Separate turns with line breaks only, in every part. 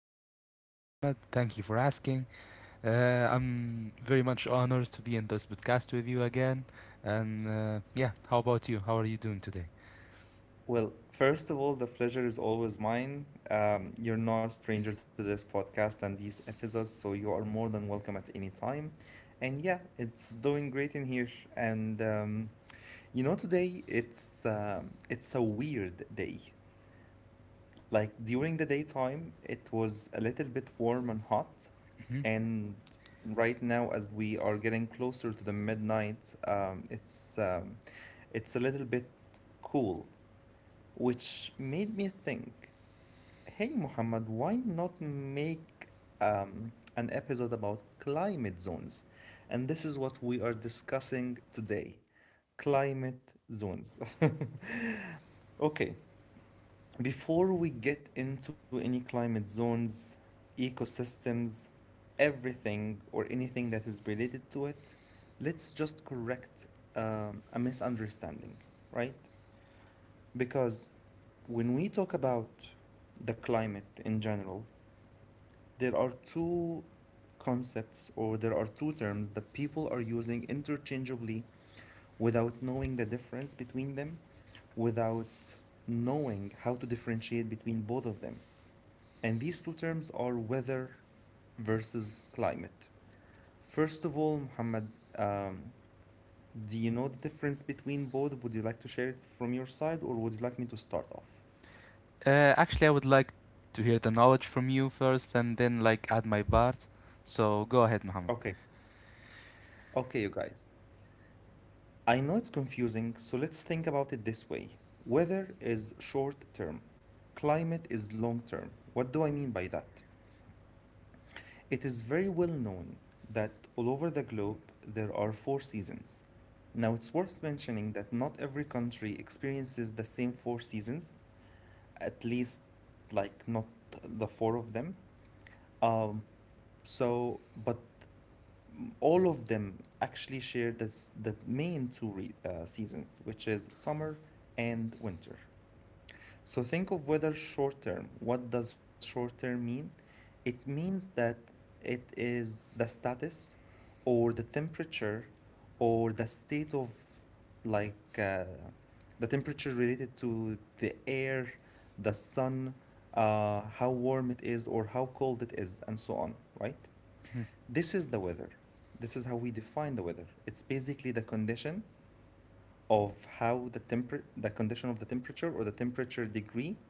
so much fine, Muhammad. Thank you for asking. I'm very much honored to be in this podcast with you again. And how about you? How are you doing today?
Well, first of all, the pleasure is always mine. You're not a stranger to this podcast and these episodes, so you are more than welcome at any time. And yeah, it's doing great in here. And today it's a weird day. Like during the daytime, it was a little bit warm and hot,
hmm
and right now, as we are getting closer to the midnight, it's a little bit cool, which made me think, hey, Muhammad, why not make an episode about climate zones? And this is what we are discussing today, climate zones. Okay, before we get into any climate zones, ecosystems, everything or anything that is related to it, let's just correct a misunderstanding, right? Because when we talk about the climate in general, there are two concepts or there are two terms that people are using interchangeably without knowing the difference between them, without knowing how to differentiate between both of them. And these two terms are weather versus climate. First of all, Muhammad, do you know the difference between both? Would you like to share it from your side or would you like me to start off?
Actually, I would like to hear the knowledge from you first and then like add my part. So go ahead, Muhammad.
Okay. Okay, you guys. I know it's confusing, so let's think about it this way. Weather is short term, climate is long term. What do I mean by that? It is very well known that all over the globe there are four seasons. Now, it's worth mentioning that not every country experiences the same four seasons, at least, like, not the four of them. Um, so, but all of them actually share this, the main two seasons, which is summer and winter. So think of weather short term. What does short term mean? It means that it is the status or the temperature or the state of like the temperature related to the air, the sun, how warm it is or how cold it is, and so on, right?
Mhm,
This is the weather. This is how we define the weather. It's basically the condition of how the condition of the temperature or the temperature degree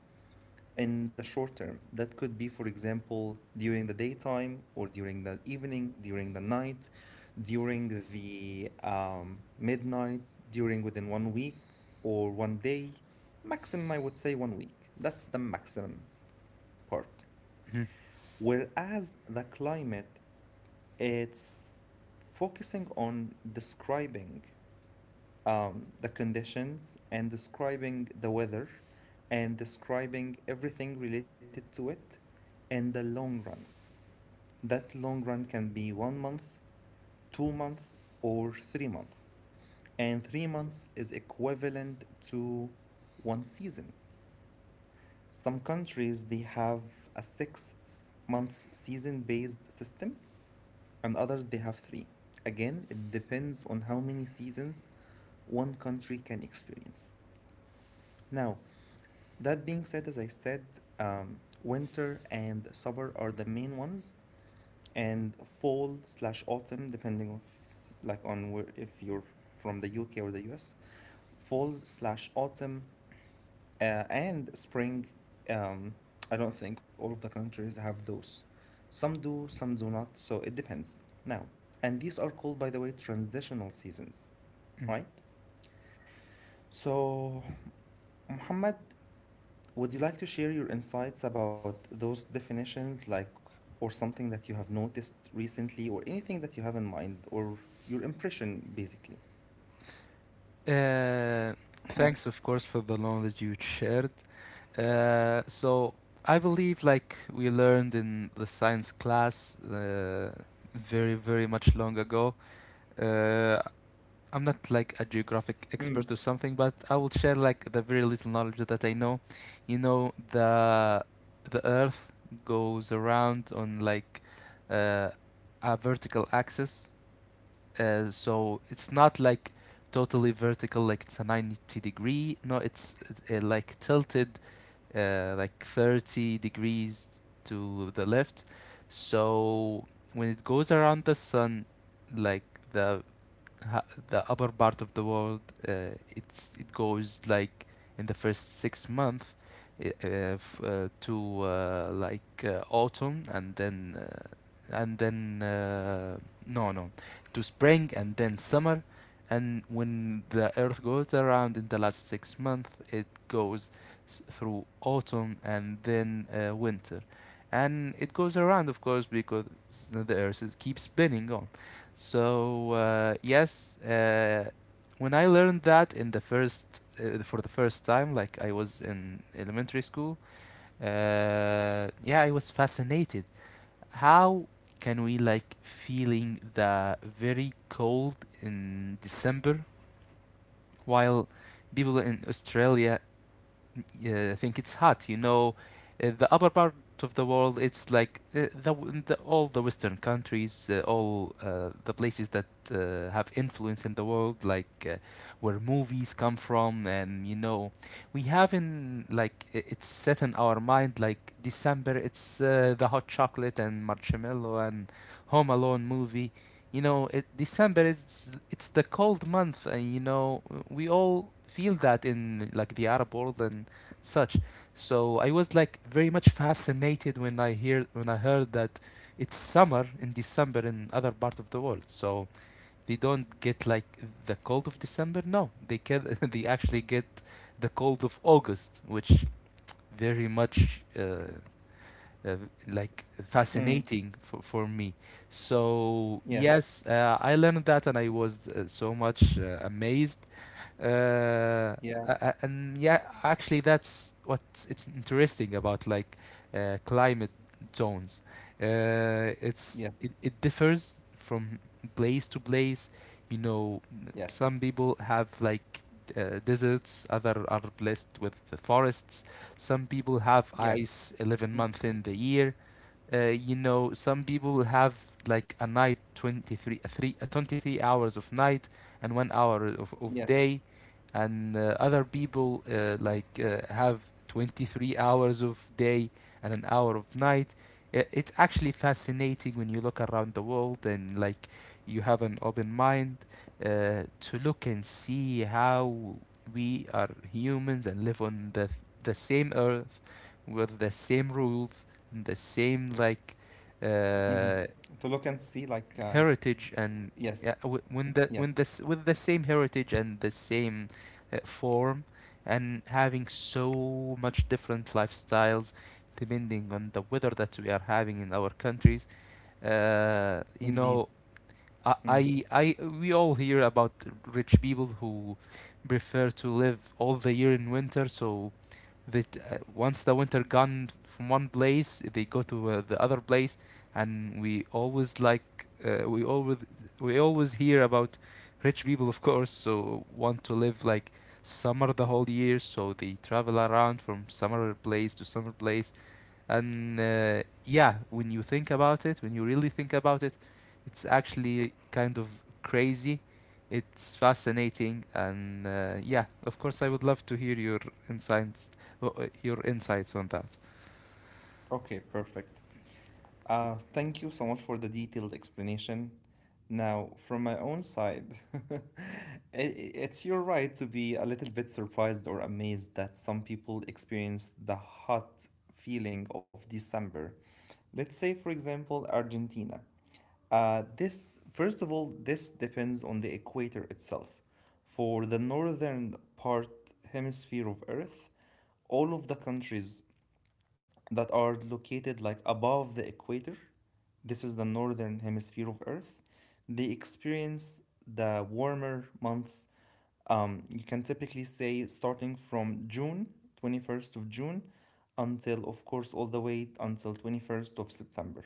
in the short term. That could be, for example, during the daytime or during the evening, during the night, during the midnight, during within one week or one day. Maximum, I would say one week. That's the maximum part.
mhm,
Whereas the climate, it's focusing on describing the conditions and describing the weather and describing everything related to it in the long run. That long run can be one month, 2 months, or 3 months. And 3 months is equivalent to one season. Some countries they have a 6 months season based system, and others they have three. Again, it depends on how many seasons one country can experience. Now, that being said, as I said, winter and summer are the main ones, and fall slash autumn, depending on like on where if you're from the UK or the US, fall slash autumn and spring. Um, I don't think all of the countries have those. Some do not, so it depends. Now, and these are called, by the way, transitional seasons,
mhm.
right? So, Muhammad, would you like to share your insights about those definitions, like, or something that you have noticed recently, or anything that you have in mind, or your impression, basically?
Uh, Thanks, of course, for the knowledge you shared. So I believe, like we learned in the science class, very much long ago. Uh, I'm not like a geographic expert or something, but I will share like the very little knowledge that I know. You know, the Earth goes around on uh, a vertical axis, so it's not like totally vertical, like it's a 90 degree. No, it's like tilted like 30 degrees to the left. So when it goes around the sun, like the the upper part of the world, it goes like in the first 6 months, I- f- to like autumn and then no no to spring and then summer. And when the earth goes around in the last 6 months, it goes through autumn and then winter. And it goes around, of course, because the earth keeps spinning on. so uh, yes, uh, when I learned that in the first for the first time, like I was in elementary school, yeah, I was fascinated. How can we like feeling the very cold in December, while people in Australia, yeah, I think it's hot. You know, the upper part of the world, it's the all the Western countries, all the places that have influence in the world, like where movies come from. And you know, we have in it's set in our mind like December. It's the hot chocolate and marshmallow and Home Alone movie. You know, December is it's the cold month, and you know we all feel that in like the Arab world and such. So I was like very much fascinated when I heard that it's summer in December in other part of the world. So they don't get like the cold of December. No, they get they actually get the cold of August, which very much uh, like
Mm,
fascinating for me. So
yes,
yes, I learned that and I was so much amazed. uh,
yeah,
and yeah, actually that's interesting about like climate zones. uh,
yes,
it differs from place to place, you know.
yes,
Some people have deserts, other are blessed with the forests, some people have
yes,
ice 11 months in the year. You know, some people will have like a night 23, a three, a 23 hours of night and one hour of
yes,
day, and other people have 23 hours of day and an hour of night. It's actually fascinating when you look around the world and like you have an open mind to look and see how we are humans and live on
yes.
the same earth with the same rules, the
Mm-hmm. To look
same
and see,
like
like,
uh,
yes,
heritage and
yes,
yeah, w- when the when this with the same heritage and the same form, and having so much different lifestyles depending on the weather that we are having in our countries. You know,
indeed. Mm.
I we all hear about rich people who prefer to live all the year in winter, so that once the winter gone from one place they go to the other place. And we always we always hear about rich people, of course, so want to live like summer the whole year, so they travel around from summer place to summer place. And when you think about it, when you really think about it, it's actually kind of crazy. It's fascinating, and yeah, of course, I would love to hear insights, your insights on that.
Okay, perfect. Thank you so much for the detailed explanation. Now, from my own side, i- it's your right to be a little bit surprised or amazed that some people experience the hot feeling of December. Let's say, for example, Argentina. This, first of all, this depends on the equator itself. For the northern part hemisphere of Earth, all of the countries that are located like above the equator, this is the northern hemisphere of Earth, they experience the warmer months. You can typically say starting from June, 21st of June, until, of course, all the way until 21st of September.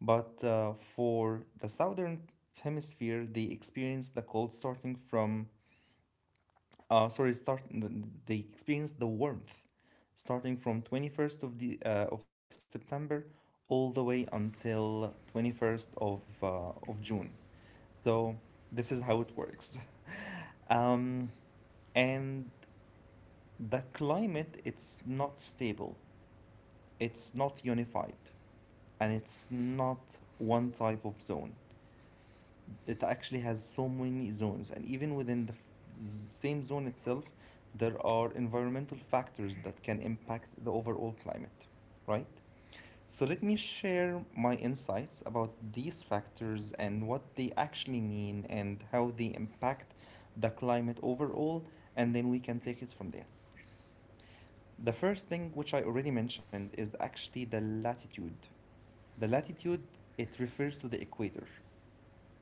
But for the southern hemisphere, they experience the cold starting from uh, sorry, start th- they experience the warmth starting from 21st of September all the way until 21st of June. So this is how it works. Um, and the climate it's not stable. It's not unified and it's not one type of zone. It actually has so many zones, and even within the same zone itself there are environmental factors that can impact the overall climate, right? So let me share my insights about these factors and what they actually mean and how they impact the climate overall, and then we can take it from there. The first thing, which I already mentioned, is actually the latitude. The latitude, it refers to the equator.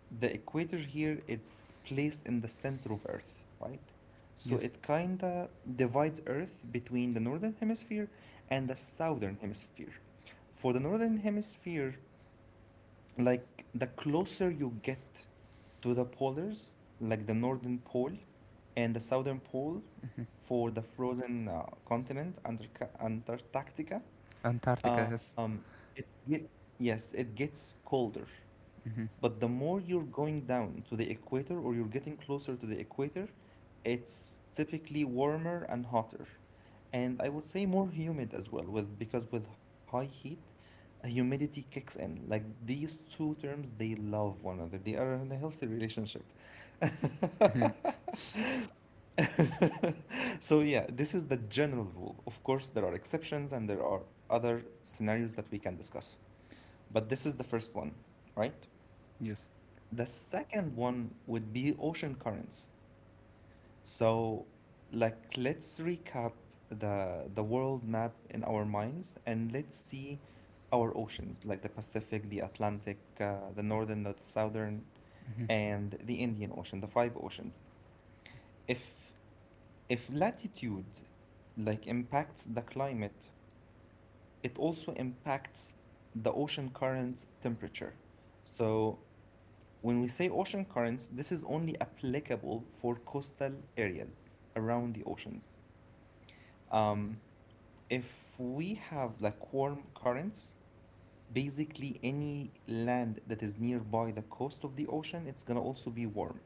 The equator here, it's placed in the center of Earth, right? So
Yes.
it kinda divides Earth between the northern hemisphere and the southern hemisphere. For the northern hemisphere, like the closer you get to the polars, like the northern pole and the southern pole
hmm
for the frozen continent under Antarctica,
Antarctica has.
it get, yes, it gets colder.
hmm
But the more you're going down to the equator or you're getting closer to the equator, it's typically warmer and hotter. And I would say more humid as well, with because with high heat, humidity kicks in. Like these two terms, they love one another. They are in a healthy relationship. So yeah, this is the general rule. Of course, there are exceptions and there are other scenarios that we can discuss. But this is the first one, right? The second one would be ocean currents. So, like, let's recap the world map in our minds and let's see our oceans, like the Pacific, the Atlantic, the Northern, the Southern, and the Indian Ocean, the five oceans. If if latitude like impacts the climate, it also impacts the ocean current temperature. So, when we say ocean currents, this is only applicable for coastal areas around the oceans. Um. If we have like warm currents, basically any land that is nearby the coast of the ocean, it's gonna also be warm.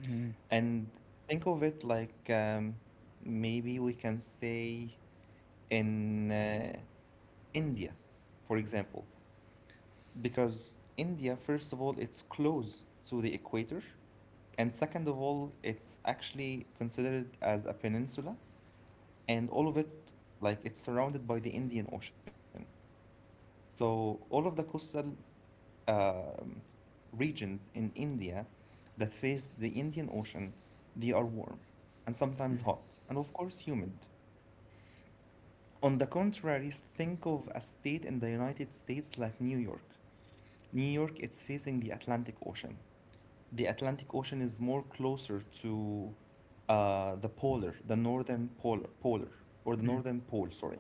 hmm
And think of it like maybe we can say in India, for example, because India, first of all, it's close to the equator, and second of all, it's actually considered as a peninsula, and all of it, like, it's surrounded by the Indian Ocean. So all of the coastal um regions in India that face the Indian Ocean, they are warm and sometimes
hmm
hot, and of course humid. On the contrary, think of a state in the United States like New York. New York, it's facing the Atlantic Ocean. The Atlantic Ocean is more closer to the polar, the northern or the
hmm
northern pole, sorry.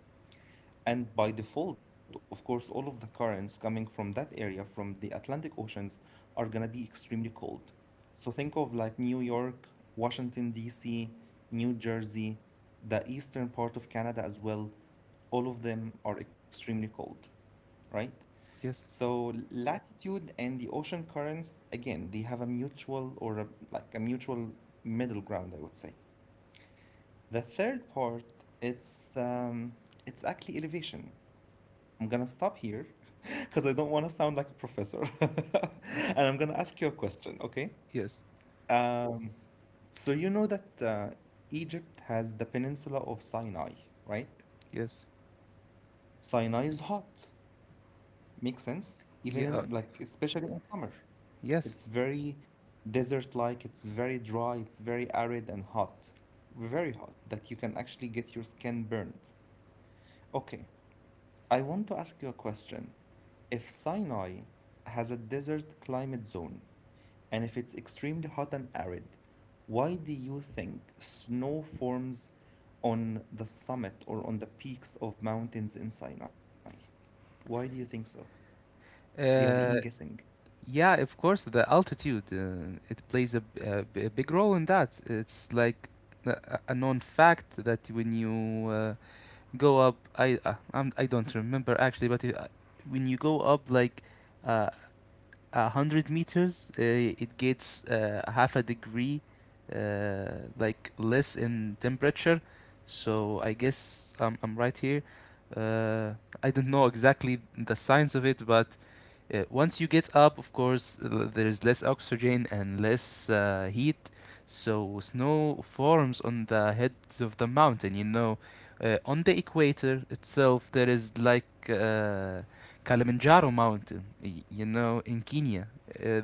And by default, of course, all of the currents coming from that area, from the Atlantic Oceans, are gonna be extremely cold. So think of like New York, Washington, D.C., New Jersey, the eastern part of Canada as well. All of them are extremely cold, right?
Yes,
So latitude and the ocean currents, again, they have a mutual or a, like a mutual middle ground, I would say. The third part, it's um, it's actually elevation. I'm gonna stop here because I don't want to sound like a professor, and I'm gonna ask you a question, okay?
yes,
Um, so you know that Egypt has the peninsula of Sinai, right?
yes,
Sinai is hot. Makes sense, even
yeah,
in like especially in summer.
yes.
It's very desert-like. It's very dry. It's very arid and hot, very hot that you can actually get your skin burned. Okay, I want to ask you a question. If Sinai has a desert climate zone, and if it's extremely hot and arid, why do you think snow forms on the summit or on the peaks of mountains in Sinai? Why do you think so? Do you have any
Uh,
guessing?
Yeah, of course, the altitude it plays a big role in that. It's like a known fact that when you go up, I don't remember actually, but when you go up like uh, 100 meters, it gets half a degree, uh, like less in temperature. So I guess I'm right here. Uh, I don't know exactly the science of it, but once you get up, of course, there is less oxygen and less heat, so snow forms on the heads of the mountain. You know, on the equator itself, there is like Kilimanjaro mountain, you know, in Kenya. Uh,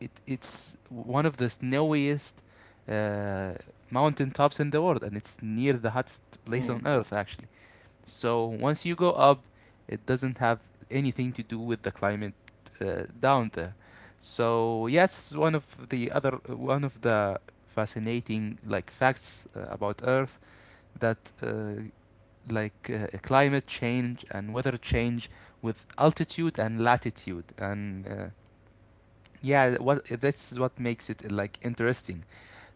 it's one of the snowiest uh, mountain tops in the world, and it's near the hottest
Mm,
place on earth, actually. So once you go up, it doesn't have anything to do with the climate down there. So yes, one of the fascinating like facts about Earth, that climate change and weather change with altitude and latitude and yeah, what that's what makes it like interesting.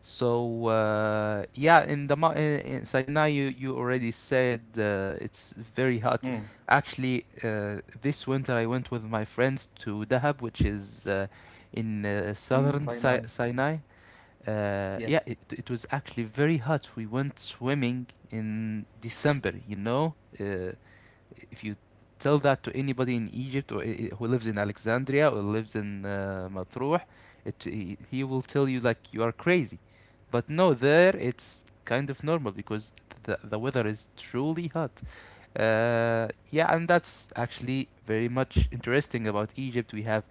So yeah in the mo- In Sinai, you already said it's very hot.
mm.
Actually, this winter I went with my friends to Dahab, which is in
In
southern
Sinai,
Sinai.
yes.
Yeah, it was actually very hot. We went swimming in December, you know. uh, if you tell that to anybody in Egypt, who lives in Alexandria or lives in Matruh, he will tell you like you are crazy. But no, there it's kind of normal because the weather is truly hot. Uh, yeah, and that's actually very much interesting about Egypt. We have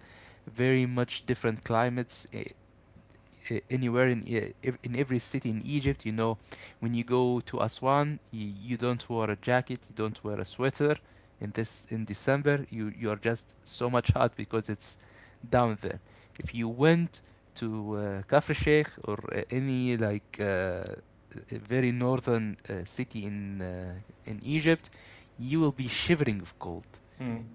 very much different climates. Anywhere in every city in Egypt. You know, when you go to Aswan, you don't wear a jacket, you don't wear a sweater. In December, you are just so much hot because it's down there. If you went to Kafr Sheikh or any like a very northern city in Egypt, you will be shivering of cold,
Mm,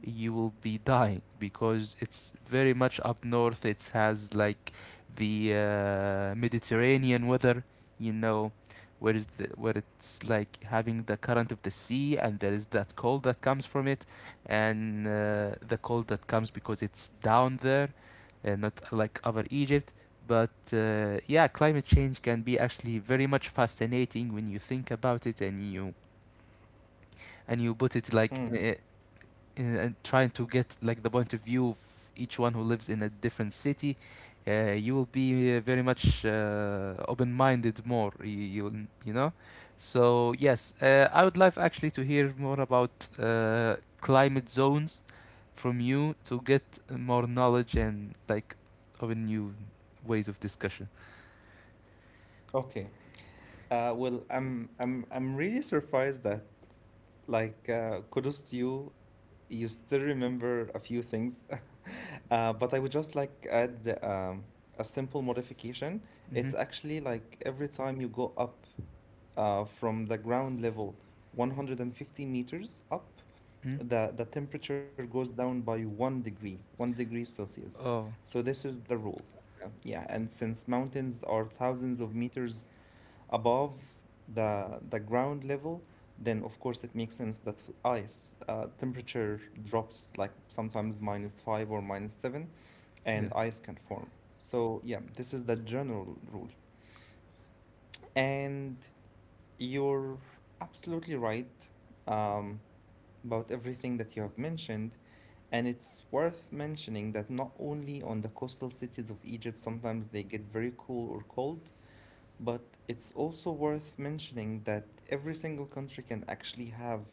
you will be dying because it's very much up north. It has like the Mediterranean weather, you know, where it's like having the current of the sea, and there is that cold that comes from it, and the cold that comes because it's down there, and not like over Egypt. But yeah, climate change can be actually very much fascinating when you think about it, and you put it
mm.
like in, trying to get like the point of view of each one who lives in a different city. You will be very much open-minded more. You know. So yes, I would like actually to hear more about climate zones from you to get more knowledge and like of a new ways of discussion.
Okay. Well, I'm really surprised that like kudos to you. You still remember a few things, but I would just like add a simple modification. It's
Mm-hmm.
actually like every time you go up from the ground level, 150 meters up
hmm
the temperature goes down by one degree Celsius.
Oh
So this is the rule. Yeah, and since mountains are thousands of meters above the ground level, then of course it makes sense that ice temperature drops like sometimes minus five or minus seven,
yeah.
and ice can form. So yeah, this is the general rule. And you're absolutely right. Um, about everything that you have mentioned. And it's worth mentioning that not only on the coastal cities of Egypt sometimes they get very cool or cold, but it's also worth mentioning that every single country can actually have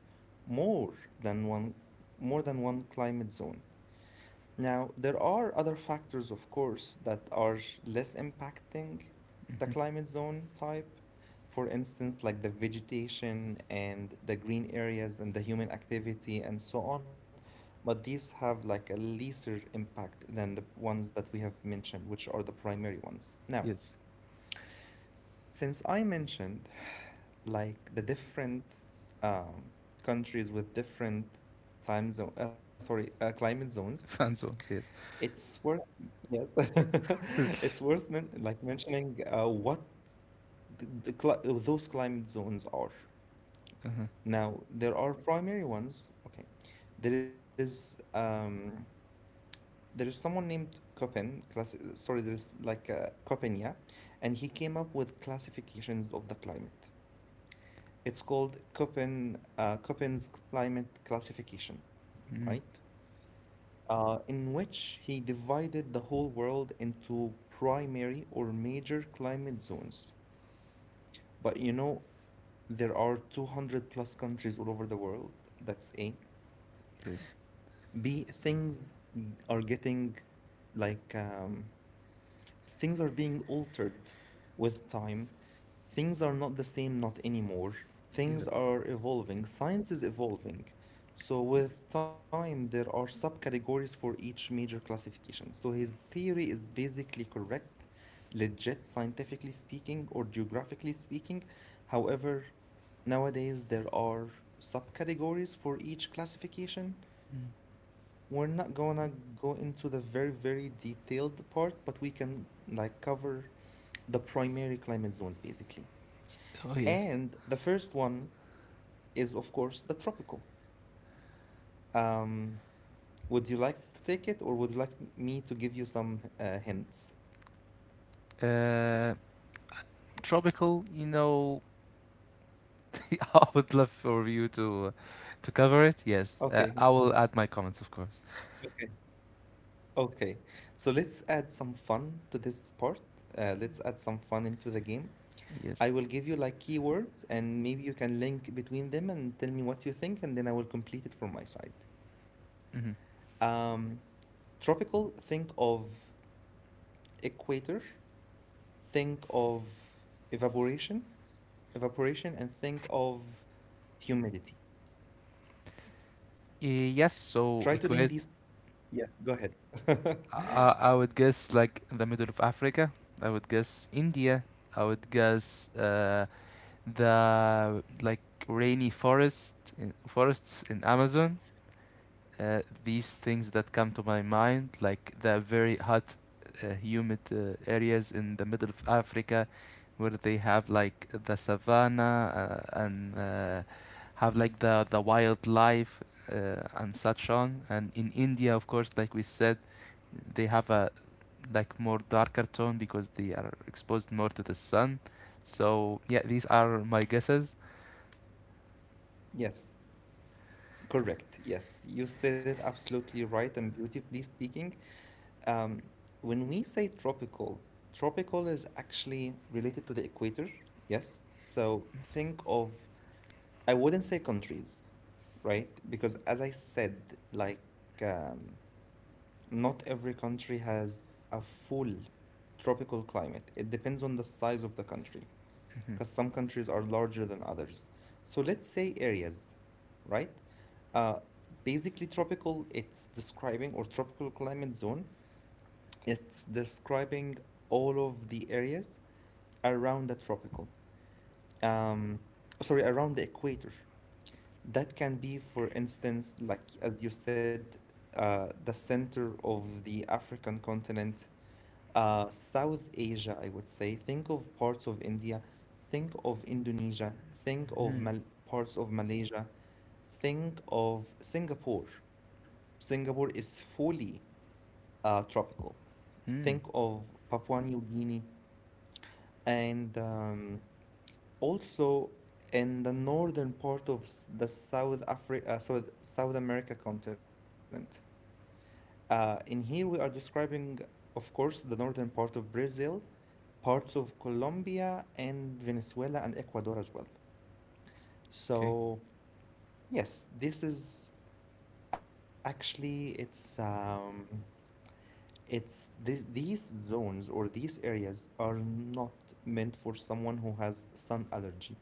more than one more than one climate zone. Now, there are other factors, of course, that are less impacting the
hmm
climate zone type. For instance, like the vegetation and the green areas and the human activity and so on. But these have like a lesser impact than the ones that we have mentioned, which are the primary ones. Now,
Yes.
since I mentioned like the different um, countries with different climate zones,
Fan zones. Yes.
it's worth yes, it's worth mentioning what those climate zones are.
Uh-huh.
Now there are primary ones. Okay, there is um there is someone named Köppen. Class sorry, there is like Köppen, yeah, and he came up with classifications of the climate. It's called Köppen's climate classification, right?
Mm.
In which he divided the whole world into primary or major climate zones. But you know, there are 200 plus countries all over the world. That's A.
Yes.
B, are getting like um, things are being altered with time. Things are not the same, not anymore.
Yeah.
Things are evolving. Science is evolving. So with time, there are subcategories for each major classification. So his theory is basically correct, legit, scientifically speaking, or geographically speaking. However, nowadays there are subcategories for each classification.
Mm.
We're not gonna go into the very, very detailed part, but we can like cover the primary climate zones basically.
Oh yes.
And the first one is, of course, the tropical. Um, would you like to take it, or would you like me to give you some hints?
Uh, Tropical, you know, I would love for you to cover it. Yes, I
Okay,
will add my comments, of course.
okay, okay. So let's add some fun to this part. Let's add some fun into the game. I
Yes.
will give you like keywords, and maybe you can link between them and tell me what you think, and then I will complete it from my side.
hmm
Um, Tropical, think of equator, think of evaporation, evaporation, and think of humidity.
yes. So
Try to link
Kuwait,
these. Yes, go ahead.
I would guess like the middle of Africa. I would guess India. I would guess the like rainy forests in Amazon. These things that come to my mind, like the very hot, humid areas in the middle of Africa, where they have like the savanna and have like the wildlife and such on. And in India, of course, like we said, they have a like more darker tone because they are exposed more to the sun. So yeah, these are my guesses.
Yes, correct. Yes, you said it absolutely right and beautifully speaking. Um, when we say tropical, Tropical is actually related to the equator. Yes, so I wouldn't say countries, right? Because as I said, not every country has a full tropical climate. It depends on the size of the country, because some countries are larger than others. So let's say areas, right? Uh, Basically, tropical climate zone, it's describing all of the areas around the tropical. Um, Around the equator. That can be, for instance, like as you said, the center of the African continent, South Asia, I would say. Think of parts of India, think of Indonesia, think of
Mm-hmm.
Mal parts of Malaysia, think of Singapore. Singapore is fully tropical. Think
Mm.
of Papua New Guinea and also in the northern part of s- the South Africa, South, South America continent. In here, we are describing, of course, the northern part of Brazil, parts of Colombia, and Venezuela and Ecuador as well.
Okay.
So, yes, this is actually it's this, these zones or these areas are not meant for someone who has sun allergy.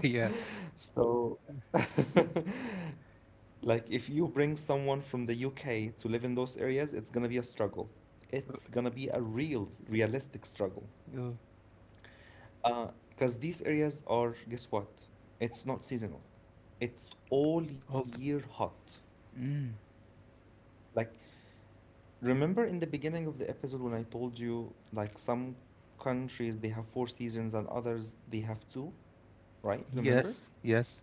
Yeah.
So, like, if you bring someone from the UK to live in those areas, it's gonna be a struggle. It's gonna be a real, realistic struggle.
Oh, All.
Because these areas are, guess what? It's not seasonal. It's all
Hold.
year hot.
Mm.
Like, remember in the beginning of the episode when I told you, like, some countries they have four seasons and others they have two, right? Remember?
Yes, yes,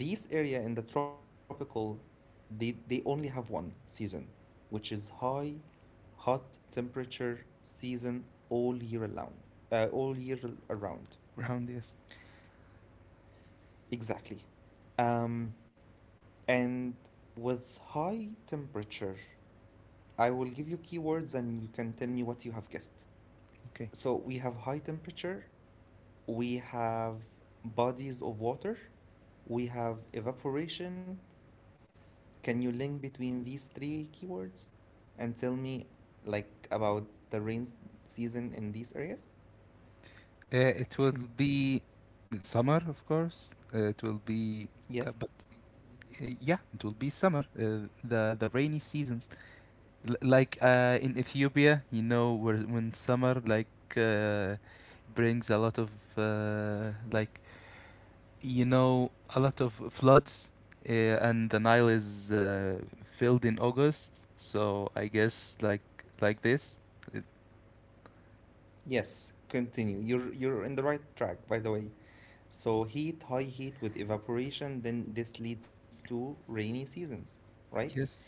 These area in the tropical, they only have one season, which is high, hot temperature season all year around. All year around.
round, yes.
Exactly. Um, and with high temperature, I will give you keywords and you can tell me what you have guessed.
Okay.
So we have high temperature, we have bodies of water, we have evaporation. Can you link between these three keywords and tell me like about the season in these areas?
It will be summer, of course. It will be, but
Yes.
Yeah, it will be summer. The rainy seasons, like in Ethiopia, you know, where when summer like uh, brings a lot of uh, like you know a lot of floods, and the Nile is filled in August. So I guess like this. It-
Yes, continue. You're in the right track, by the way. So heat, high heat with evaporation, then this leads to rainy seasons, right?
yes.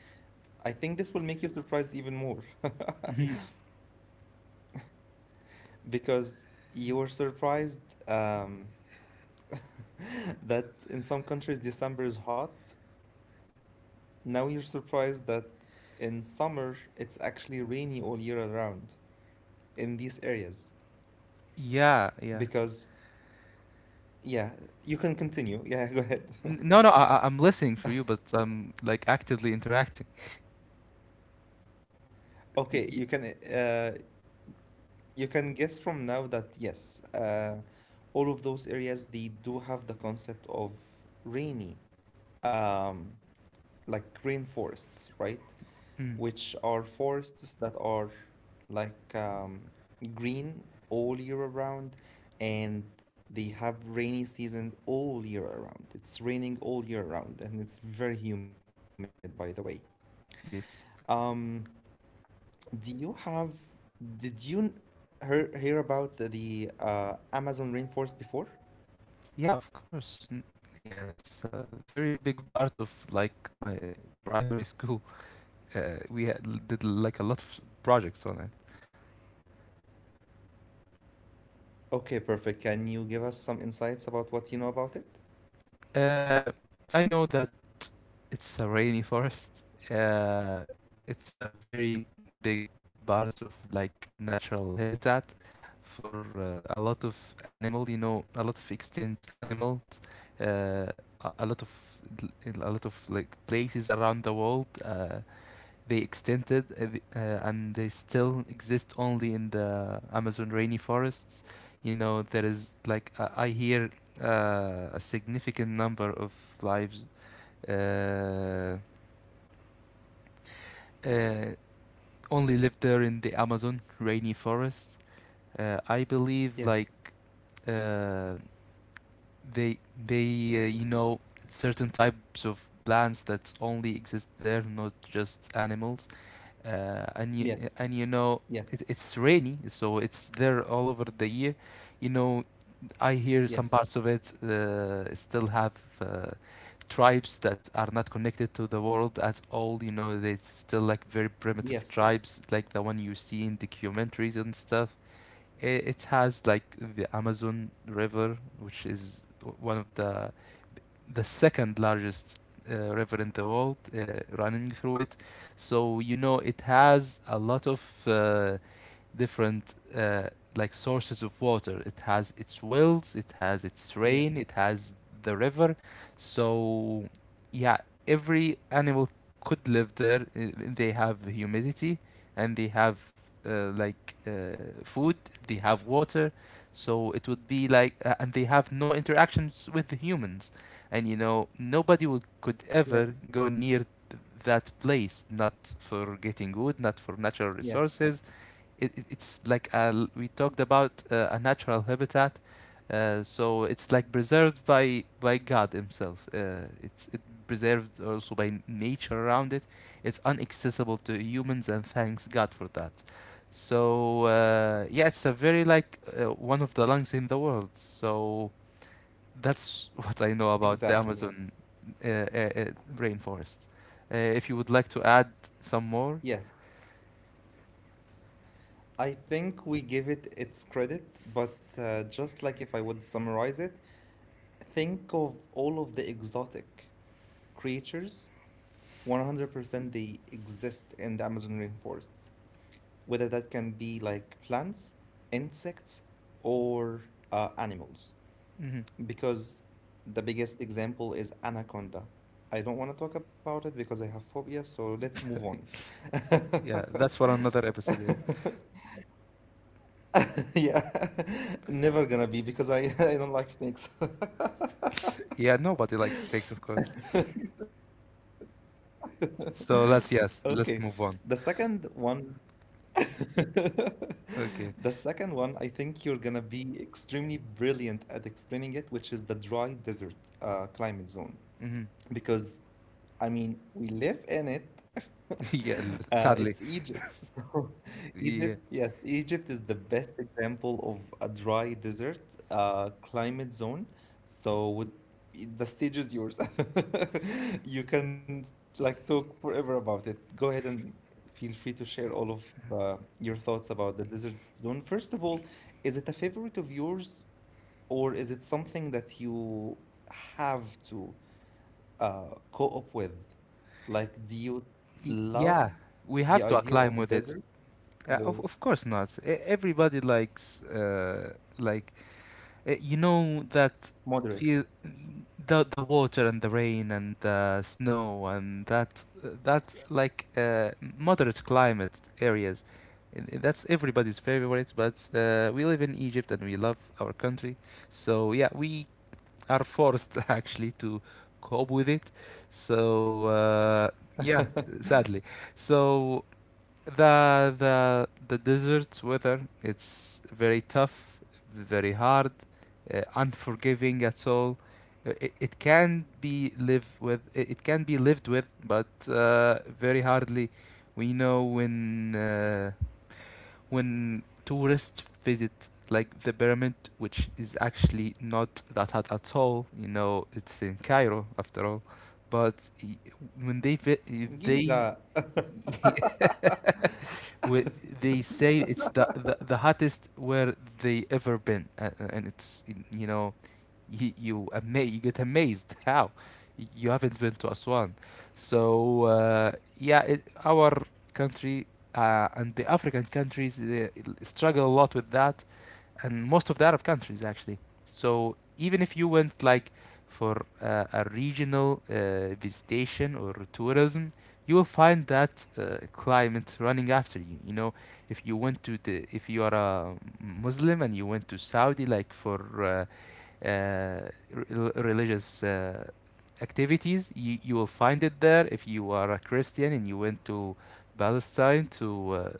I think this will make you surprised even more because you were surprised um, that in some countries December is hot. Now you're surprised that in summer it's actually rainy all year around in these areas
Yeah, yeah.
because yeah, you can continue. Yeah, go ahead.
No, no, I'm listening for you, but I'm like actively interacting. Y-
Okay,
y-
you can guess from now that yes, all of those areas they do have the concept of rainy. Um like rainforests, right?
mm,
Which are forests that are like um, green all year around and they have rainy season all year around. It's raining all year around and it's very humid, by the way.
yes.
Um, do you have, did you n- Hear about the Amazon rainforest before?
Yeah, of course. Yeah, it's a very big part of like my primary school. We had, did like a lot of projects on it.
Okay, perfect. Can you give us some insights about what you know about it?
Uh, I know that it's a rainy forest. Uh, it's a very big part of like natural habitat for a lot of animal, you know, a lot of extinct animal uh, a lot of a lot of like places around the world, they extended, and they still exist only in the Amazon rainy forests. You know, there is like I hear a significant number of lives, uh, uh, only live there in the Amazon rainy forests. I believe like,
Yes,
uh, they they you know, certain types of plants that only exist there, not just animals. uh,
yes,
and you, and you
yes,
know, it's rainy, so it's there all over the year. You know, I hear some
yes.
parts of it still have tribes that are not connected to the world at all. You know, it's still like very
Yes,
primitive tribes, like the one you see in documentaries and stuff. It has like the Amazon River, which is one of the second largest river in the world, running through it. So you know, it has a lot of uh, different like sources of water. It has its wells, it has its
yes,
rain, it has the river. So yeah, every animal could live there. They have humidity and they have uh, like uh, food, they have water. So it would be like, and they have no interactions with the humans. And you know, could
yes,
ever go near that place, not for getting wood, not for natural
yes,
resources. It's like a, we talked about a natural habitat, so it's like preserved by god himself. It's it Preserved also by nature around it. It's inaccessible to humans, and thanks god for that. So yeah, it's a very like, one of the lungs in the world. So that's what I know
exactly,
about the
yes,
Amazon uh, uh, uh, rainforest. If you would like to add some
yes.
more.
I think we give it its credit, but just like if I would summarize it, think of all of the exotic creatures, 100% they exist in the Amazon rainforests, whether that can be like plants, insects, or animals. Because the biggest example is Anaconda. I don't want to talk about it because I have phobia, so let's move on.
Yeah, that's for another episode. Yeah.
Yeah, never gonna be because I don't like snakes.
Yeah, nobody likes steaks, of course. So let's,
Okay,
yes,
the
let's move on.
second one, the
Okay.
second one, I think you're gonna be extremely brilliant at explaining it, which is the dry desert climate zone.
Hmm.
Because I mean, we live in it.
Yeah, sadly.
It's Egypt. So,
Yeah.
Egypt, yes, Egypt is the best example of a dry desert climate zone. So, with the stage is yours. You can like talk forever about it. Go ahead and feel free to share all of your thoughts about the desert zone. First of all, is it a favorite of yours, or is it something that you have to? Co-op with? Like, do you
Yeah,
love
we
the
have to
idea
acclimb
of
with it.
deserts
Of
or
of course not. Everybody likes like you know that
moderate?
feel the water and the rain and the snow and that like moderate climate areas. That's everybody's favorite, but we live in Egypt and we love our country. So yeah, we are forced actually to cope with it. So yeah, sadly. So the desert's weather, it's very tough, very hard, unforgiving at all. It can be live with it, it can be lived with, but very hardly. We know uh, when tourists visit like the pyramid, which is actually not that hot at all, you know, it's in Cairo after all. but y- when they
Giza.
they where they say it's the hottest where they ever been, and it's, you know, you get amazed how you haven't been to Aswan. So yeah, our country and the African countries struggle a lot with that, and most of the Arab countries actually. So even if you went like for a regional visitation or tourism, you will find that climate running after you. You know, if you went to the, if you are a Muslim and you went to Saudi like for uh, religious activities. You will find it there. If you are a Christian and you went to Palestine to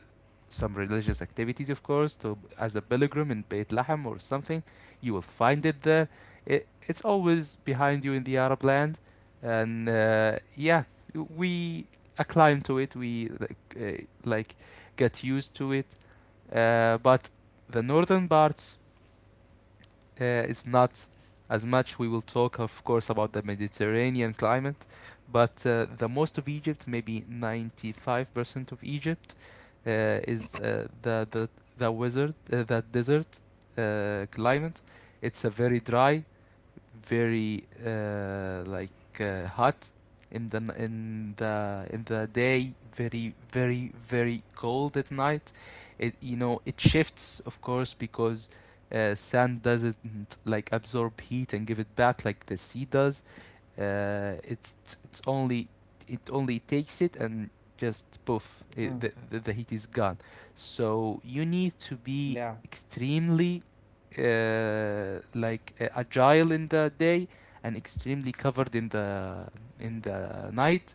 some religious activities, of course, to as a pilgrim in Beit Lahem or something. You will find it there. It's always behind you in the Arab land, and yeah, we acclimed to it. We like, like got used to it, but the northern parts is not as much. We will talk, of course, about the Mediterranean climate, but the most of Egypt, maybe 95% of Egypt, uh, is the the wizard the desert climate. It's a very dry, very hot in the in the day, very very very cold at night. It, you know, it shifts, of course, because sand doesn't like absorb heat and give it back like the sea does. Uh, it's it's Only it only takes it and just poof it,
Mm,
the heat is gone. So you need to be
yeah,
extremely agile in the day, and extremely covered in the night.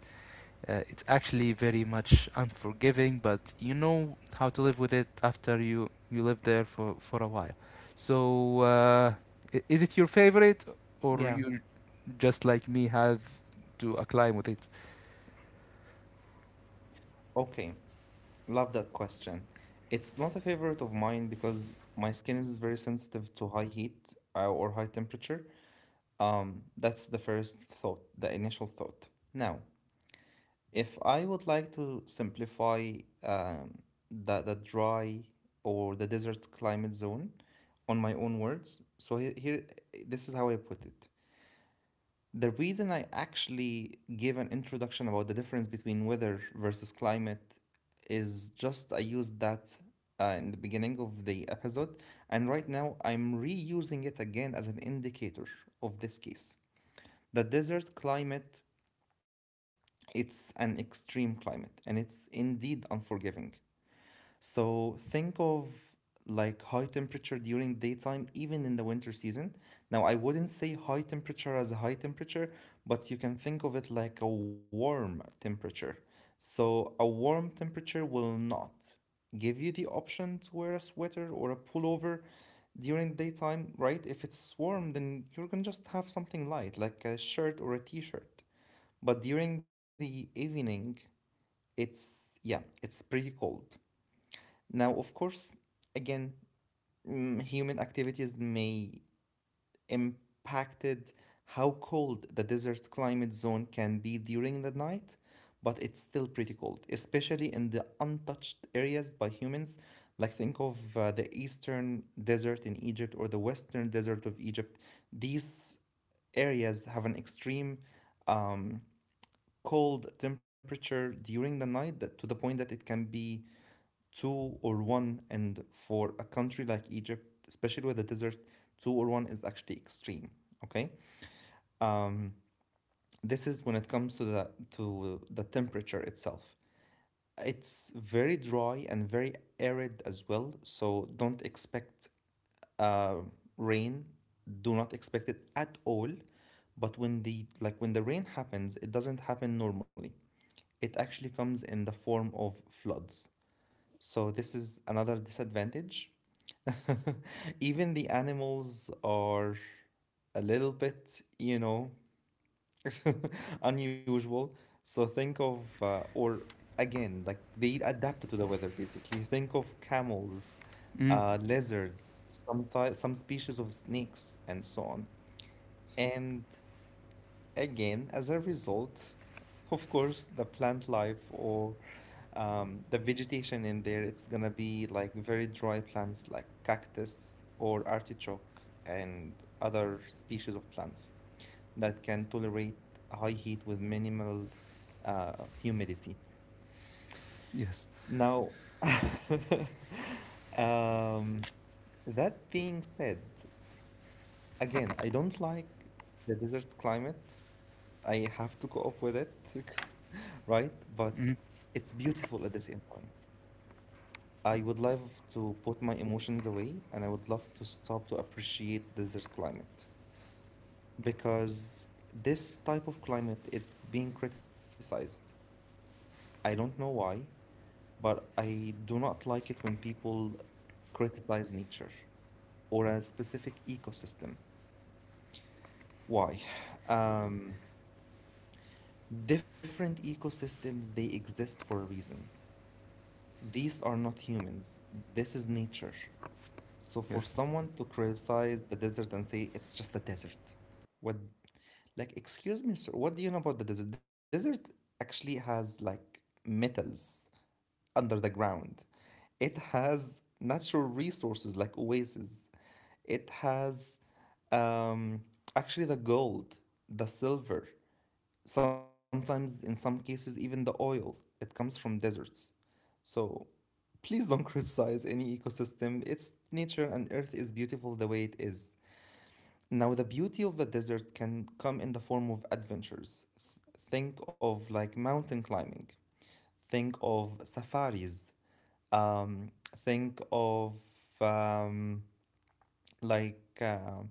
It's actually very much unforgiving, but you know how to live with it after you, you live there for a while. So is it your favorite, or
yeah.
you just like me have to acclaim with it.
Okay, love that question. It's not a favorite of mine because my skin is very sensitive to high heat or high temperature. That's the first thought, the initial thought. Now, if I would like to simplify um, the dry or the desert climate zone on my own words, so here, this is how I put it. The reason I actually gave an introduction about the difference between weather versus climate is just I used that in the beginning of the episode, and right now I'm reusing it again as an indicator of this case. The desert climate, it's an extreme climate and it's indeed unforgiving. So think of like high temperature during daytime, even in the winter season. Now, I wouldn't say high temperature as a high temperature, but you can think of it like a warm temperature. So, a warm temperature will not give you the option to wear a sweater or a pullover during daytime, right? If it's warm, then you're gonna just have something light, like a shirt or a t shirt. But during the evening, it's yeah, it's pretty cold. Now, of course, again, human activities may impacted how cold the desert climate zone can be during the night, but it's still pretty cold, especially in the untouched areas by humans. Like think of the eastern desert in Egypt or the western desert of Egypt. These areas have an extreme um, cold temperature during the night, that to the point that it can be two or one. And for a country like Egypt, especially with the desert, two or one is actually extreme. Okay. um, this is when it comes to the temperature itself. It's very dry and very arid as well, so don't expect uh, rain. Do not expect it at all. But when the like when the rain happens, it doesn't happen normally. It actually comes in the form of floods. So this is another disadvantage. Even the animals are a little bit, you know, unusual. So think of, or again, like they adapted to the weather basically. Think of camels,
Mm,
lizards, some species of snakes, and so on. And Again, as a result, of course, the plant life or the vegetation in there, it's gonna be like very dry plants like cactus or artichoke and other species of plants that can tolerate high heat with minimal humidity.
yes.
Now, um, that being said, again, I don't like the desert climate. I have to cope with it, right? But
Mm,
it's beautiful at the same time. I would love to put my emotions away, and I would love to stop to appreciate desert climate, because this type of climate, it's being criticized. I don't know why, but I do not like it when people criticize nature or a specific ecosystem. Why? Um, Different ecosystems, they exist for a reason. These are not humans. This is nature. So for
yes.
someone to criticize the desert and say it's just a desert, what, like, excuse me, sir, what do you know about the desert? Desert actually has like metals under the ground. It has natural resources like oases. It has um, actually the gold, the silver, sometimes in some cases even the oil. It comes from deserts. So please don't criticize any ecosystem. Its nature and earth is beautiful the way it is. Now, the beauty of the desert can come in the form of adventures. Think of like mountain climbing, think of safaris, um, think of um, like uh,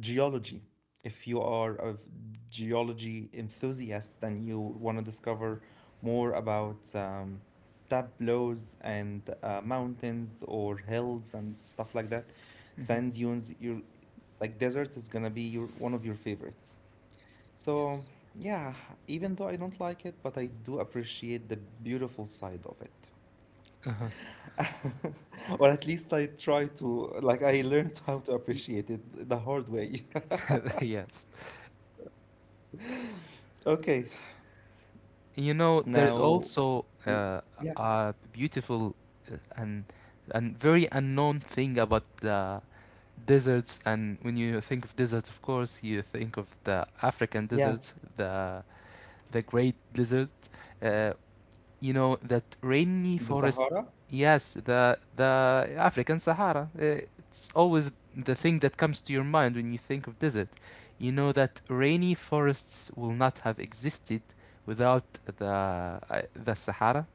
geology. If you are a geology enthusiast and you want to discover more about tableaus and mountains or hills and stuff like that,
Hmm.
sand dunes, your like desert is gonna be your one of your favorites. So
Yes.
yeah, even though I don't like it, but I do appreciate the beautiful side of it.
Uh-huh.
Or at least I try to, like, I learned how to appreciate it the hard way.
Yes.
Okay.
You know, there
Now,
is also
w- yeah,
a beautiful uh, and and very unknown thing about the deserts. And when you think of deserts, of course, you think of the African
yeah,
deserts, the Great Desert, uh, you know, that
the
rainy
Sahara.
forest. Yes, the African Sahara. Eh, it's always the thing that comes to your mind when you think of desert. You know that rainy forests will not have existed without the the Sahara.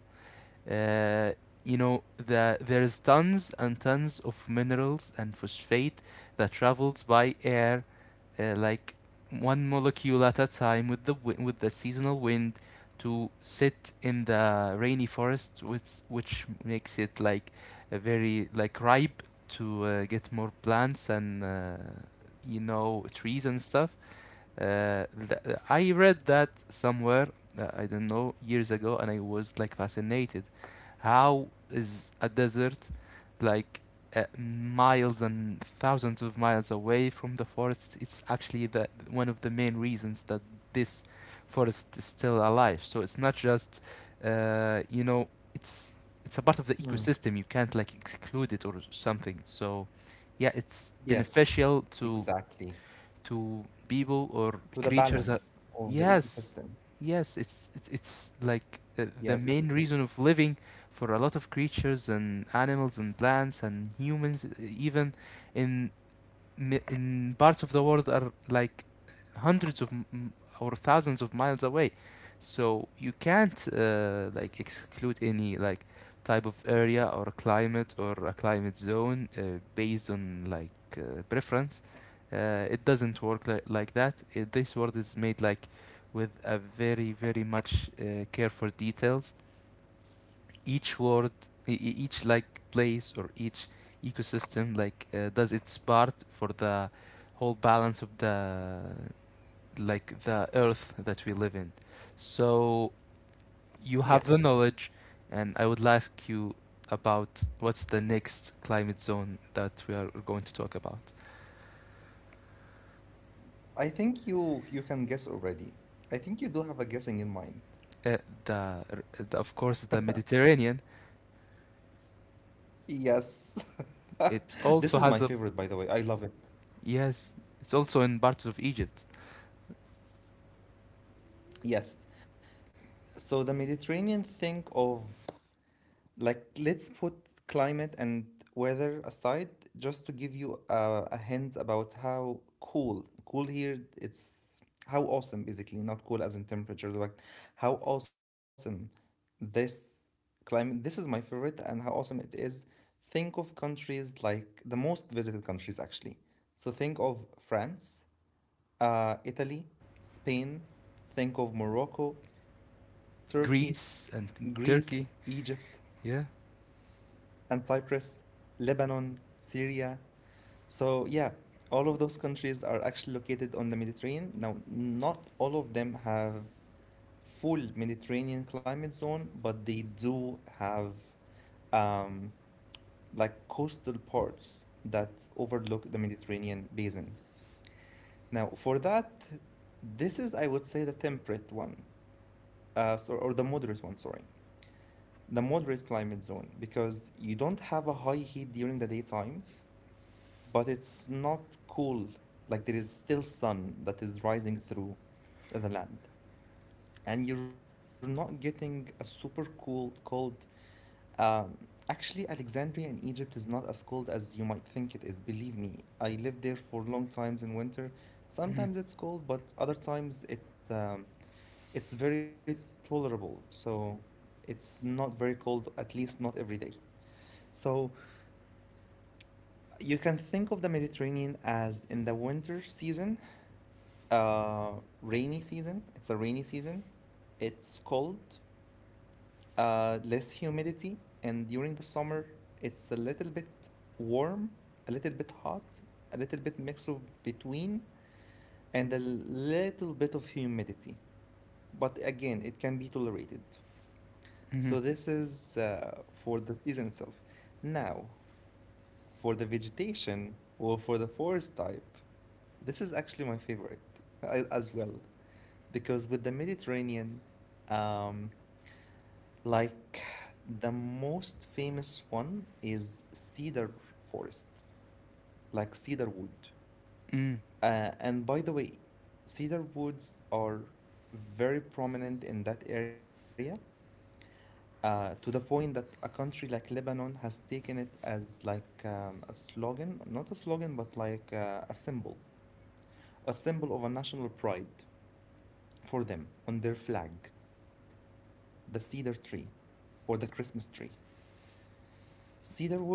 uh, there's tons and tons of minerals and phosphate that travels by air, like one molecule at a time with the seasonal wind to sit in the rainy forest, which makes it like a very like ripe to get more plants and you know, trees and stuff. I read that somewhere. I don't know, years ago, and I was like fascinated how is a desert like miles and thousands of miles away from the forest? It's actually the one of the main reasons that this forest is still alive. So it's not just you know, it's it's a part of the
Mm.
ecosystem. You can't like exclude it or something. So yeah, it's
Yes,
beneficial
exactly.
to people or
To the
creatures that,
balance of the
yes,
ecosystem.
yes, it's like
Yes,
the main reason of living for a lot of creatures and animals and plants and humans, even in in parts of the world are like hundreds of or thousands of miles away. So you can't like exclude any like type of area or climate or a climate zone, based on like preference. It doesn't work like that. This world is made like with a very very much care for details. Each word, each like place or each ecosystem, like does its part for the whole balance of the like the earth that we live in. So you have
yes.
the knowledge, and I would ask you about what's the next climate zone that we are going to talk about.
I think you can guess already. I think you do have a guessing in mind.
uh, the, the, of course, the Mediterranean.
Yes.
It
This
also
is my
has a,
favorite, by the way. I love it.
yes, it's also in parts of Egypt.
Yes. So the Mediterranean, think of, like, let's put climate and weather aside just to give you a hint about how cool here, it's how awesome, basically, not cool as in temperature, but how awesome this climate. This is my favorite, and how awesome it is. Think of countries like the most visited countries, actually. So think of France, Italy, Spain, think of Morocco, Turkey,
Greece and
Greece,
Turkey.
Egypt,
Yeah.
and Cyprus, Lebanon, Syria. So, yeah, all of those countries are actually located on the Mediterranean. Now, not all of them have full Mediterranean climate zone, but they do have um, like coastal parts that overlook the Mediterranean basin. Now, for that, this is, I would say, the temperate one, so, or the moderate one, sorry. The moderate climate zone, because you don't have a high heat during the daytime, but it's not cool. Like there is still sun that is rising through the land, and you're not getting a super cool cold. Um, actually, Alexandria in Egypt is not as cold as you might think it is. Believe me, I lived there for long times in winter. Sometimes it's cold, but other times it's very tolerable. So it's not very cold, at least not every day. So you can think of the Mediterranean as in the winter season, uh, rainy season. It's a rainy season. It's cold, less humidity, and during the summer, it's a little bit warm, a little bit hot, a little bit mix of between, and a little bit of humidity. But again, it can be tolerated.
Hmm.
So this is for the season itself. Now, for the vegetation or for the forest type, this is actually my favorite as well. Because with the Mediterranean, um, like the most famous one is cedar forests, like cedar wood.
Mm,
And by the way, cedar woods are very prominent in that area, to the point that a country like Lebanon has taken it as like a slogan, not a slogan, but a symbol of a national pride for them on their flag. The cedar tree or the Christmas tree. Cedar wood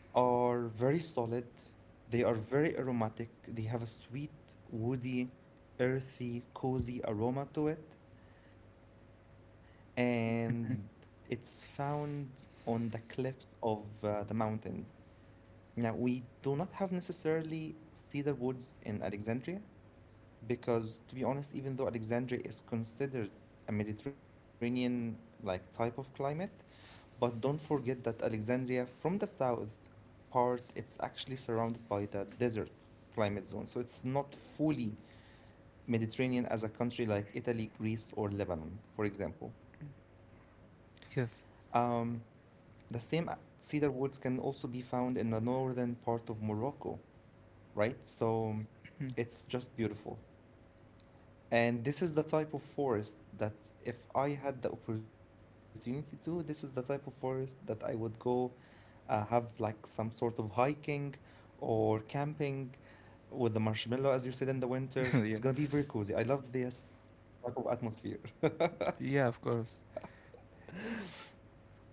are very solid, they are very aromatic, they have a sweet, woody, earthy, cozy aroma to it, and it's
mhm.
found on the cliffs of the mountains. Now, we do not have necessarily cedar woods in Alexandria, because to be honest, even though Alexandria is considered a Mediterranean like type of climate, but don't forget that Alexandria from the south part, it's actually surrounded by the desert climate zone. So it's not fully Mediterranean as a country like Italy, Greece, or Lebanon, for example.
Yes.
Um, the same cedar woods can also be found in the northern part of Morocco, right? So it's just beautiful. And this is the type of forest that if I had the opportunity to, this is the type of forest that I would go have like some sort of hiking or camping with the marshmallow, as you said, in the winter. It's gonna be
Yeah.
very cozy. I love this type of atmosphere.
Yeah, of course.
And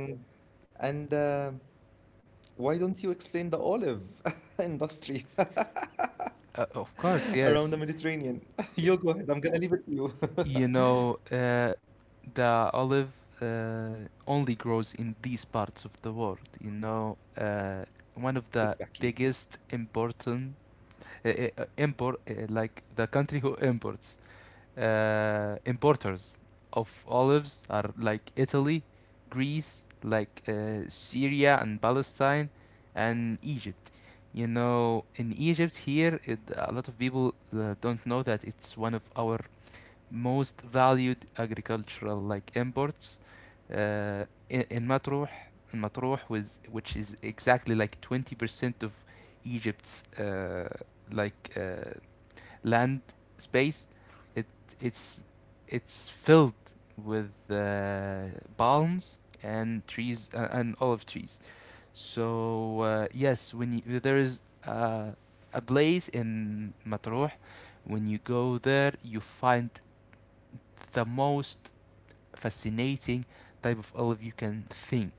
and why don't you explain the olive industry
Of course,
around the
yes.
Mediterranean? You go
Y-
ahead. I'm gonna leave it to you.
You know, the olive only grows in these parts of the world. You know, one of the
Exactly.
biggest important import, like the country who imports. Importers of olives are like Italy, Greece, like Syria and Palestine, and Egypt. You know, in Egypt here, it, a lot of people don't know that it's one of our most valued agricultural like imports. In Matruh, in Matruh was, which is exactly like 20% of Egypt's like uh, land space, it it's it's filled with palms and trees and olive trees. So yes, when you, there is uh, a place in Matruh, when you go there, you find the most fascinating type of olive you can think,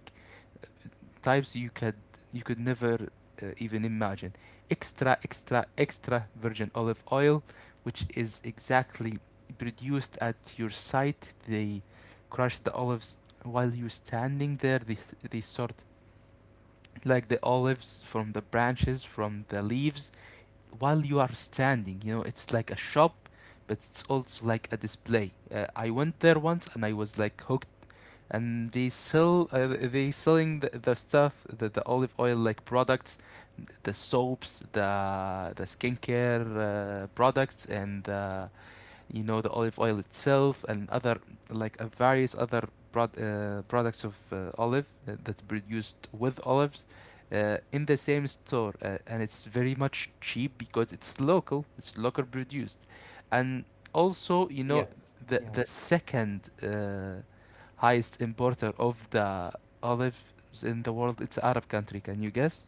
types you could, you could never even imagine. Extra, extra, extra virgin olive oil, which is exactly produced at your site. They crush the olives while you're standing there. They sort like the olives from the branches, from the leaves, while you are standing. You know, it's like a shop, but it's also like a display. I went there once and I was like hooked, and they sell they selling the stuff, the olive oil like products, the soaps, the skincare products, and the the olive oil itself, and other like various other products of olive that's produced with olives in the same store, and it's very much cheap because it's local, it's local produced. And also, you know,
Yes.
the
Yeah.
the second highest importer of the olives in the world, it's arab country. Can you guess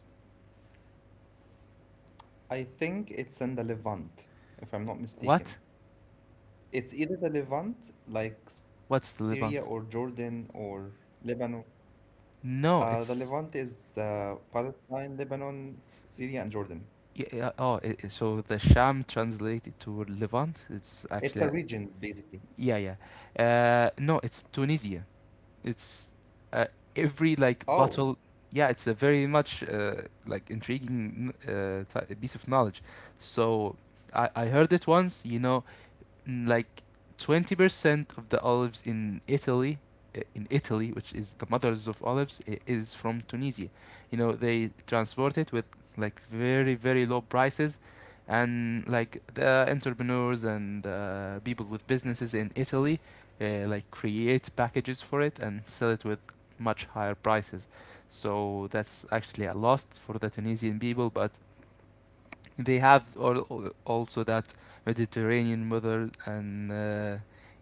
I think it's in the Levant, if I'm not mistaken.
what?
It's either the Levant, like Syria
What's the
or
levant?
Jordan or Lebanon.
No,
The
it's
Levant is Palestine, Lebanon, Syria, and Jordan.
Yeah, yeah, oh, so the Sham translated to Levant, it's actually,
It's
a-
a region, basically.
yeah, yeah. No, it's Tunisia. It's uh, every like
Oh,
battle. Yeah, it's a very much like intriguing piece of knowledge. So I heard it once, you know, like 20% of the olives in Italy, in Italy, which is the mothers of olives, is from Tunisia. You know, they transport it with like very, very low prices, and like the entrepreneurs and people with businesses in Italy like create packages for it and sell it with much higher prices. So that's actually a loss for the Tunisian people. But they have also that Mediterranean weather, and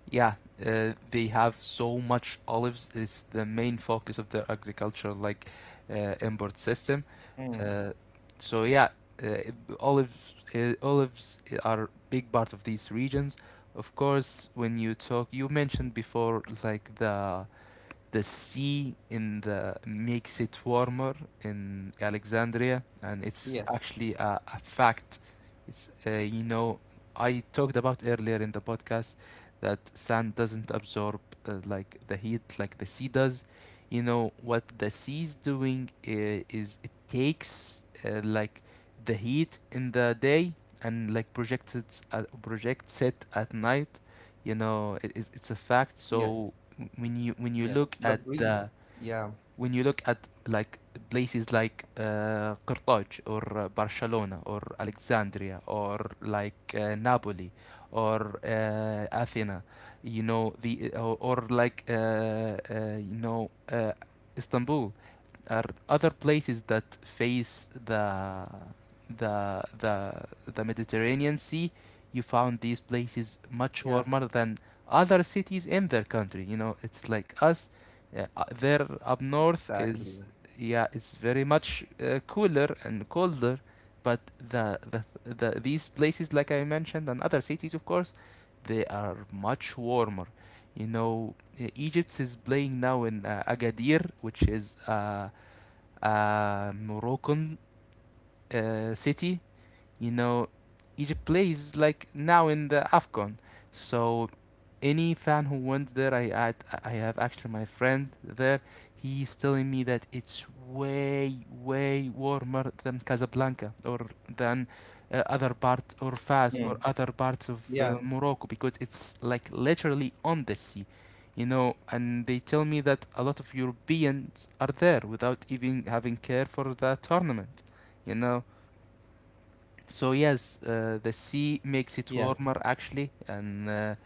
yeah, they have so much olives. It's the main focus of their agriculture, like import system.
mm,
Uh, so yeah, uh, olives olives are a big part of these regions. Of course, when you talk, you mentioned before like the sea in the makes it warmer in Alexandria, and it's
yes,
actually a fact. It's you know, I talked about earlier in the podcast that sand doesn't absorb like the heat like the sea does. You know what the sea is doing, is it takes like the heat in the day and like projects it, projects it at night. You know it's a fact. So
yes,
when you
yes.
when you
The
look at
breeze.
the
Yeah,
when you look at like places like Carthage, or Barcelona, or Alexandria, or like Napoli, or Athena, you know the or like you know Istanbul, are other places that face the the the Mediterranean Sea. You found these places much
yeah,
warmer than other cities in their country. You know, it's like us, yeah, there up north is
exactly.
yeah, it's very much cooler and colder, but the these places like I mentioned and other cities, of course, they are much warmer. You know, Egypt is playing now in Agadir, which is a
Mm,
Moroccan
mm,
city, you know, Egypt plays like now in the AFCON. So any fan who went there, I have actually my friend there. He's telling me that it's way way warmer than Casablanca, or than other
mm.
parts, or Fas, or
Yeah,
other parts of Morocco, because it's like literally on the sea, you know. And they tell me that a lot of Europeans are there without even having care for the tournament, you know. So yes, the sea makes
yeah.
it warmer actually, and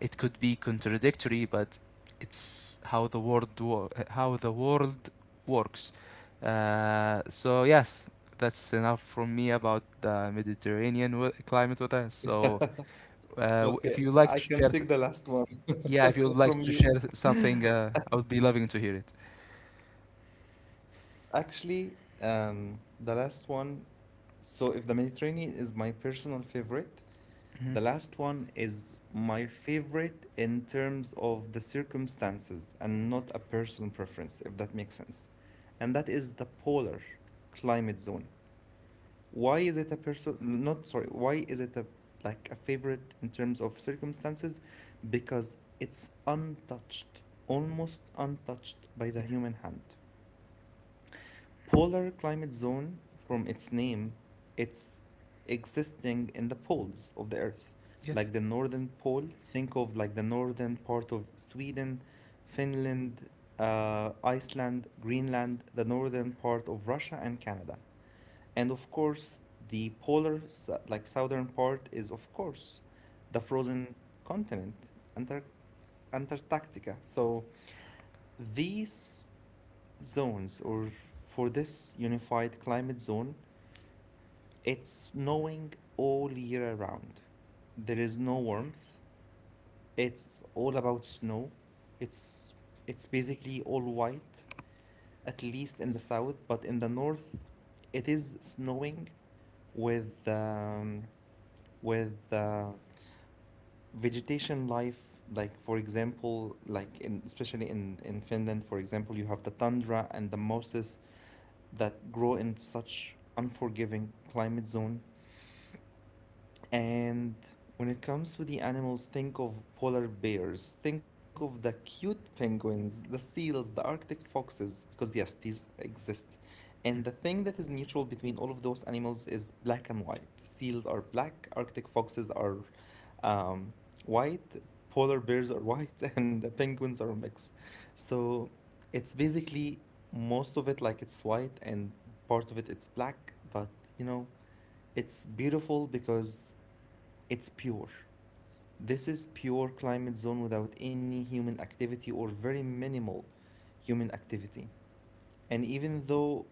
it could be contradictory, but it's how the world how the world works. So yes, that's enough from me about the Mediterranean climate weather. So
Okay,
if you like
I
to
can
share,
take
th-
the last one
yeah, if you'd
from
like to
you.
share something, I would be loving to hear it.
Actually, the last one. So, if the Mediterranean is my personal favorite,
Hmm.
the last one is my favorite in terms of the circumstances and not a personal preference, if that makes sense. And that is the polar climate zone. Why is it a person? Not sorry. Why is it a like a favorite in terms of circumstances? Because it's untouched, almost untouched by the human hand polar climate zone. From its name, it's existing in the poles of the earth,
Yes.
like the northern pole. Think of like the northern part of Sweden, Finland, Iceland, Greenland, the northern part of Russia and Canada, and of course the polar like southern part is of course the frozen continent, Antar- Antarctica. So these zones, or for this unified climate zone, it's snowing all year around. There is no warmth. It's all about snow. It's it's basically all white, at least in the south, but in the north, it is snowing with with vegetation life. Like for example, like in especially in Finland, for example, you have the tundra and the mosses that grow in such unforgiving climate zone. And when it comes to the animals, think of polar bears, think of the cute penguins, the seals, the arctic foxes, because yes, these exist. And the thing that is neutral between all of those animals is black and white. Seals are black, arctic foxes are um, white, polar bears are white, and the penguins are a mix. So it's basically most of it like it's white, and part of it it's black, but you know, it's beautiful because it's pure. This is pure climate zone without any human activity or very minimal human activity. And even though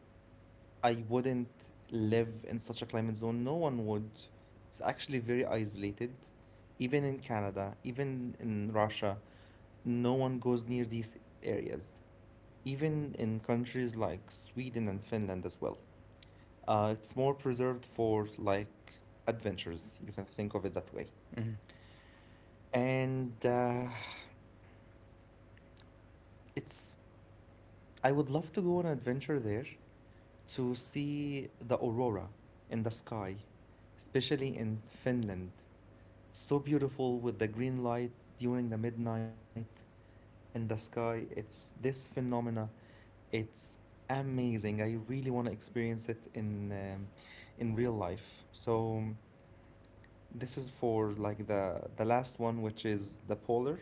I wouldn't live in such a climate zone, no one would. It's actually very isolated. Even in Canada, even in Russia, no one goes near these areas. Even in countries like Sweden and Finland as well. It's more preserved for like adventures. You can think of it that way.
Mm-hmm. Mm-hmm.
And It's, I would love to go on an adventure there to see the aurora in the sky, especially in Finland. It's so beautiful with the green light during the midnight in the sky. It's this phenomena. It's amazing. I really want to experience it in real life. So this is for like the last one, which is the polar.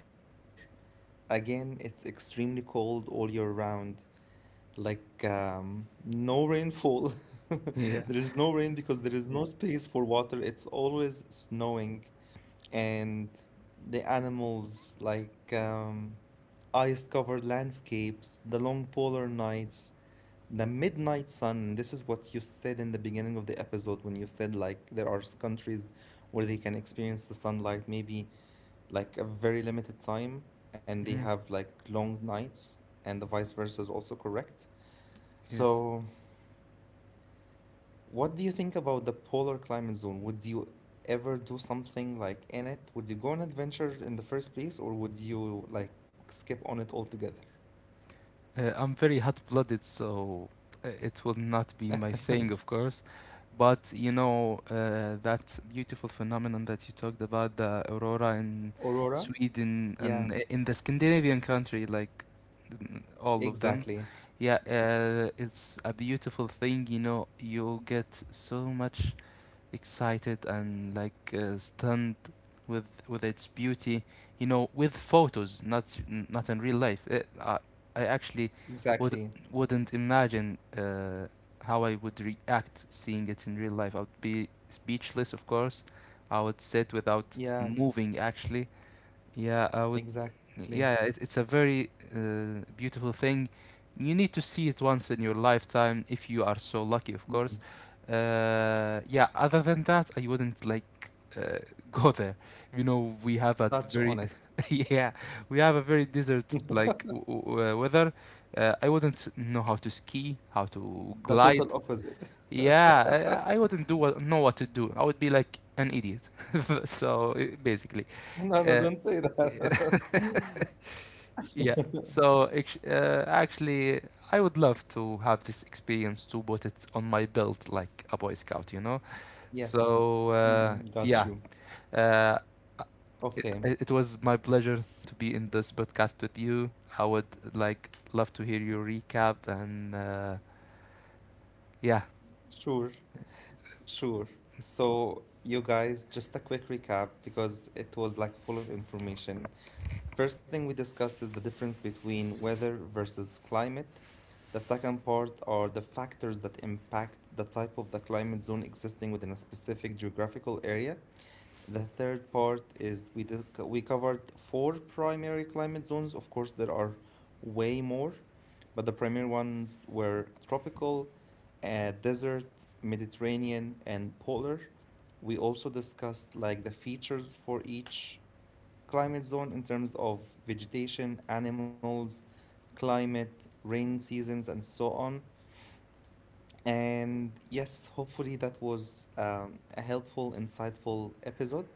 Again, it's extremely cold all year round. Like no rainfall. There
Yeah.
is no rain because there is no space for water. It's always snowing, and the animals like ice-covered landscapes, the long polar nights, the midnight sun. This is what you said in the beginning of the episode when you said like there are countries where they can experience the sunlight maybe like a very limited time, and they
Mm.
have like long nights, and the vice versa is also correct.
Yes.
So, what do you think about the polar climate zone? Would you ever do something like in it? Would you go on adventure in the first place, or would you like skip on it altogether?
I'm very hot blooded, so it will not be my thing, of course. But you know, that beautiful phenomenon that you talked about, the aurora in
Aurora?
Sweden, and
Yeah,
in the Scandinavian country, like mm, all of them.
exactly.
Yeah, it's a beautiful thing, you know, you get so much excited and like stunned with its beauty, you know, with photos, not not in real life. I actually would
Exactly.
wouldn't imagine how I would react seeing it in real life. I would be speechless, of course. I would sit without
Yeah,
moving, actually, yeah, I would.
exactly.
Yeah, it's a very beautiful thing. You need to see it once in your lifetime if you are so lucky, of
Mm,
course. Yeah, other than that, I wouldn't like uh, go there. You know, we have a
touch
very
on it.
yeah, we have a very desert like weather. I wouldn't know how to ski, how to
The
glide.
total opposite.
Yeah, I wouldn't do what, know what to do. I would be like an idiot. So basically.
No, no,
uh,
don't say that.
Yeah. Actually, I would love to have this experience to put it on my belt like a Boy Scout, you know?
Yes.
So
Mm, got
yeah,
you.
uh, it
Okay,
it was my pleasure to be in this podcast with you. I would like love to hear your recap, and yeah,
sure. Sure. So, you guys, just a quick recap because it was like full of information. The first thing we discussed is the difference between weather versus climate. The second part are the factors that impact the type of the climate zone existing within a specific geographical area. The third part is we did, we covered four primary climate zones. Of course, there are way more, but the primary ones were tropical, desert, Mediterranean, and polar. We also discussed like the features for each climate zone in terms of vegetation, animals, climate, rain seasons, and so on. And yes, hopefully that was a helpful, insightful episode.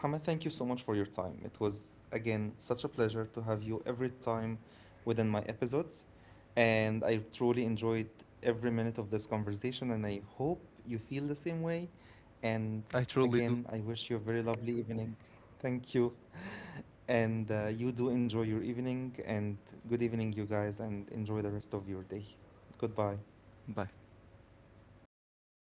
Muhammad, thank you so much for your time. It was, again, such a pleasure to have you every time within my episodes. And I truly enjoyed every minute of this conversation, and I hope you feel the same way. And
I truly do.
again, I wish you a very lovely evening. Thank you. And you do enjoy your evening, and good evening, you guys, and enjoy the rest of your day. Goodbye.
Bye.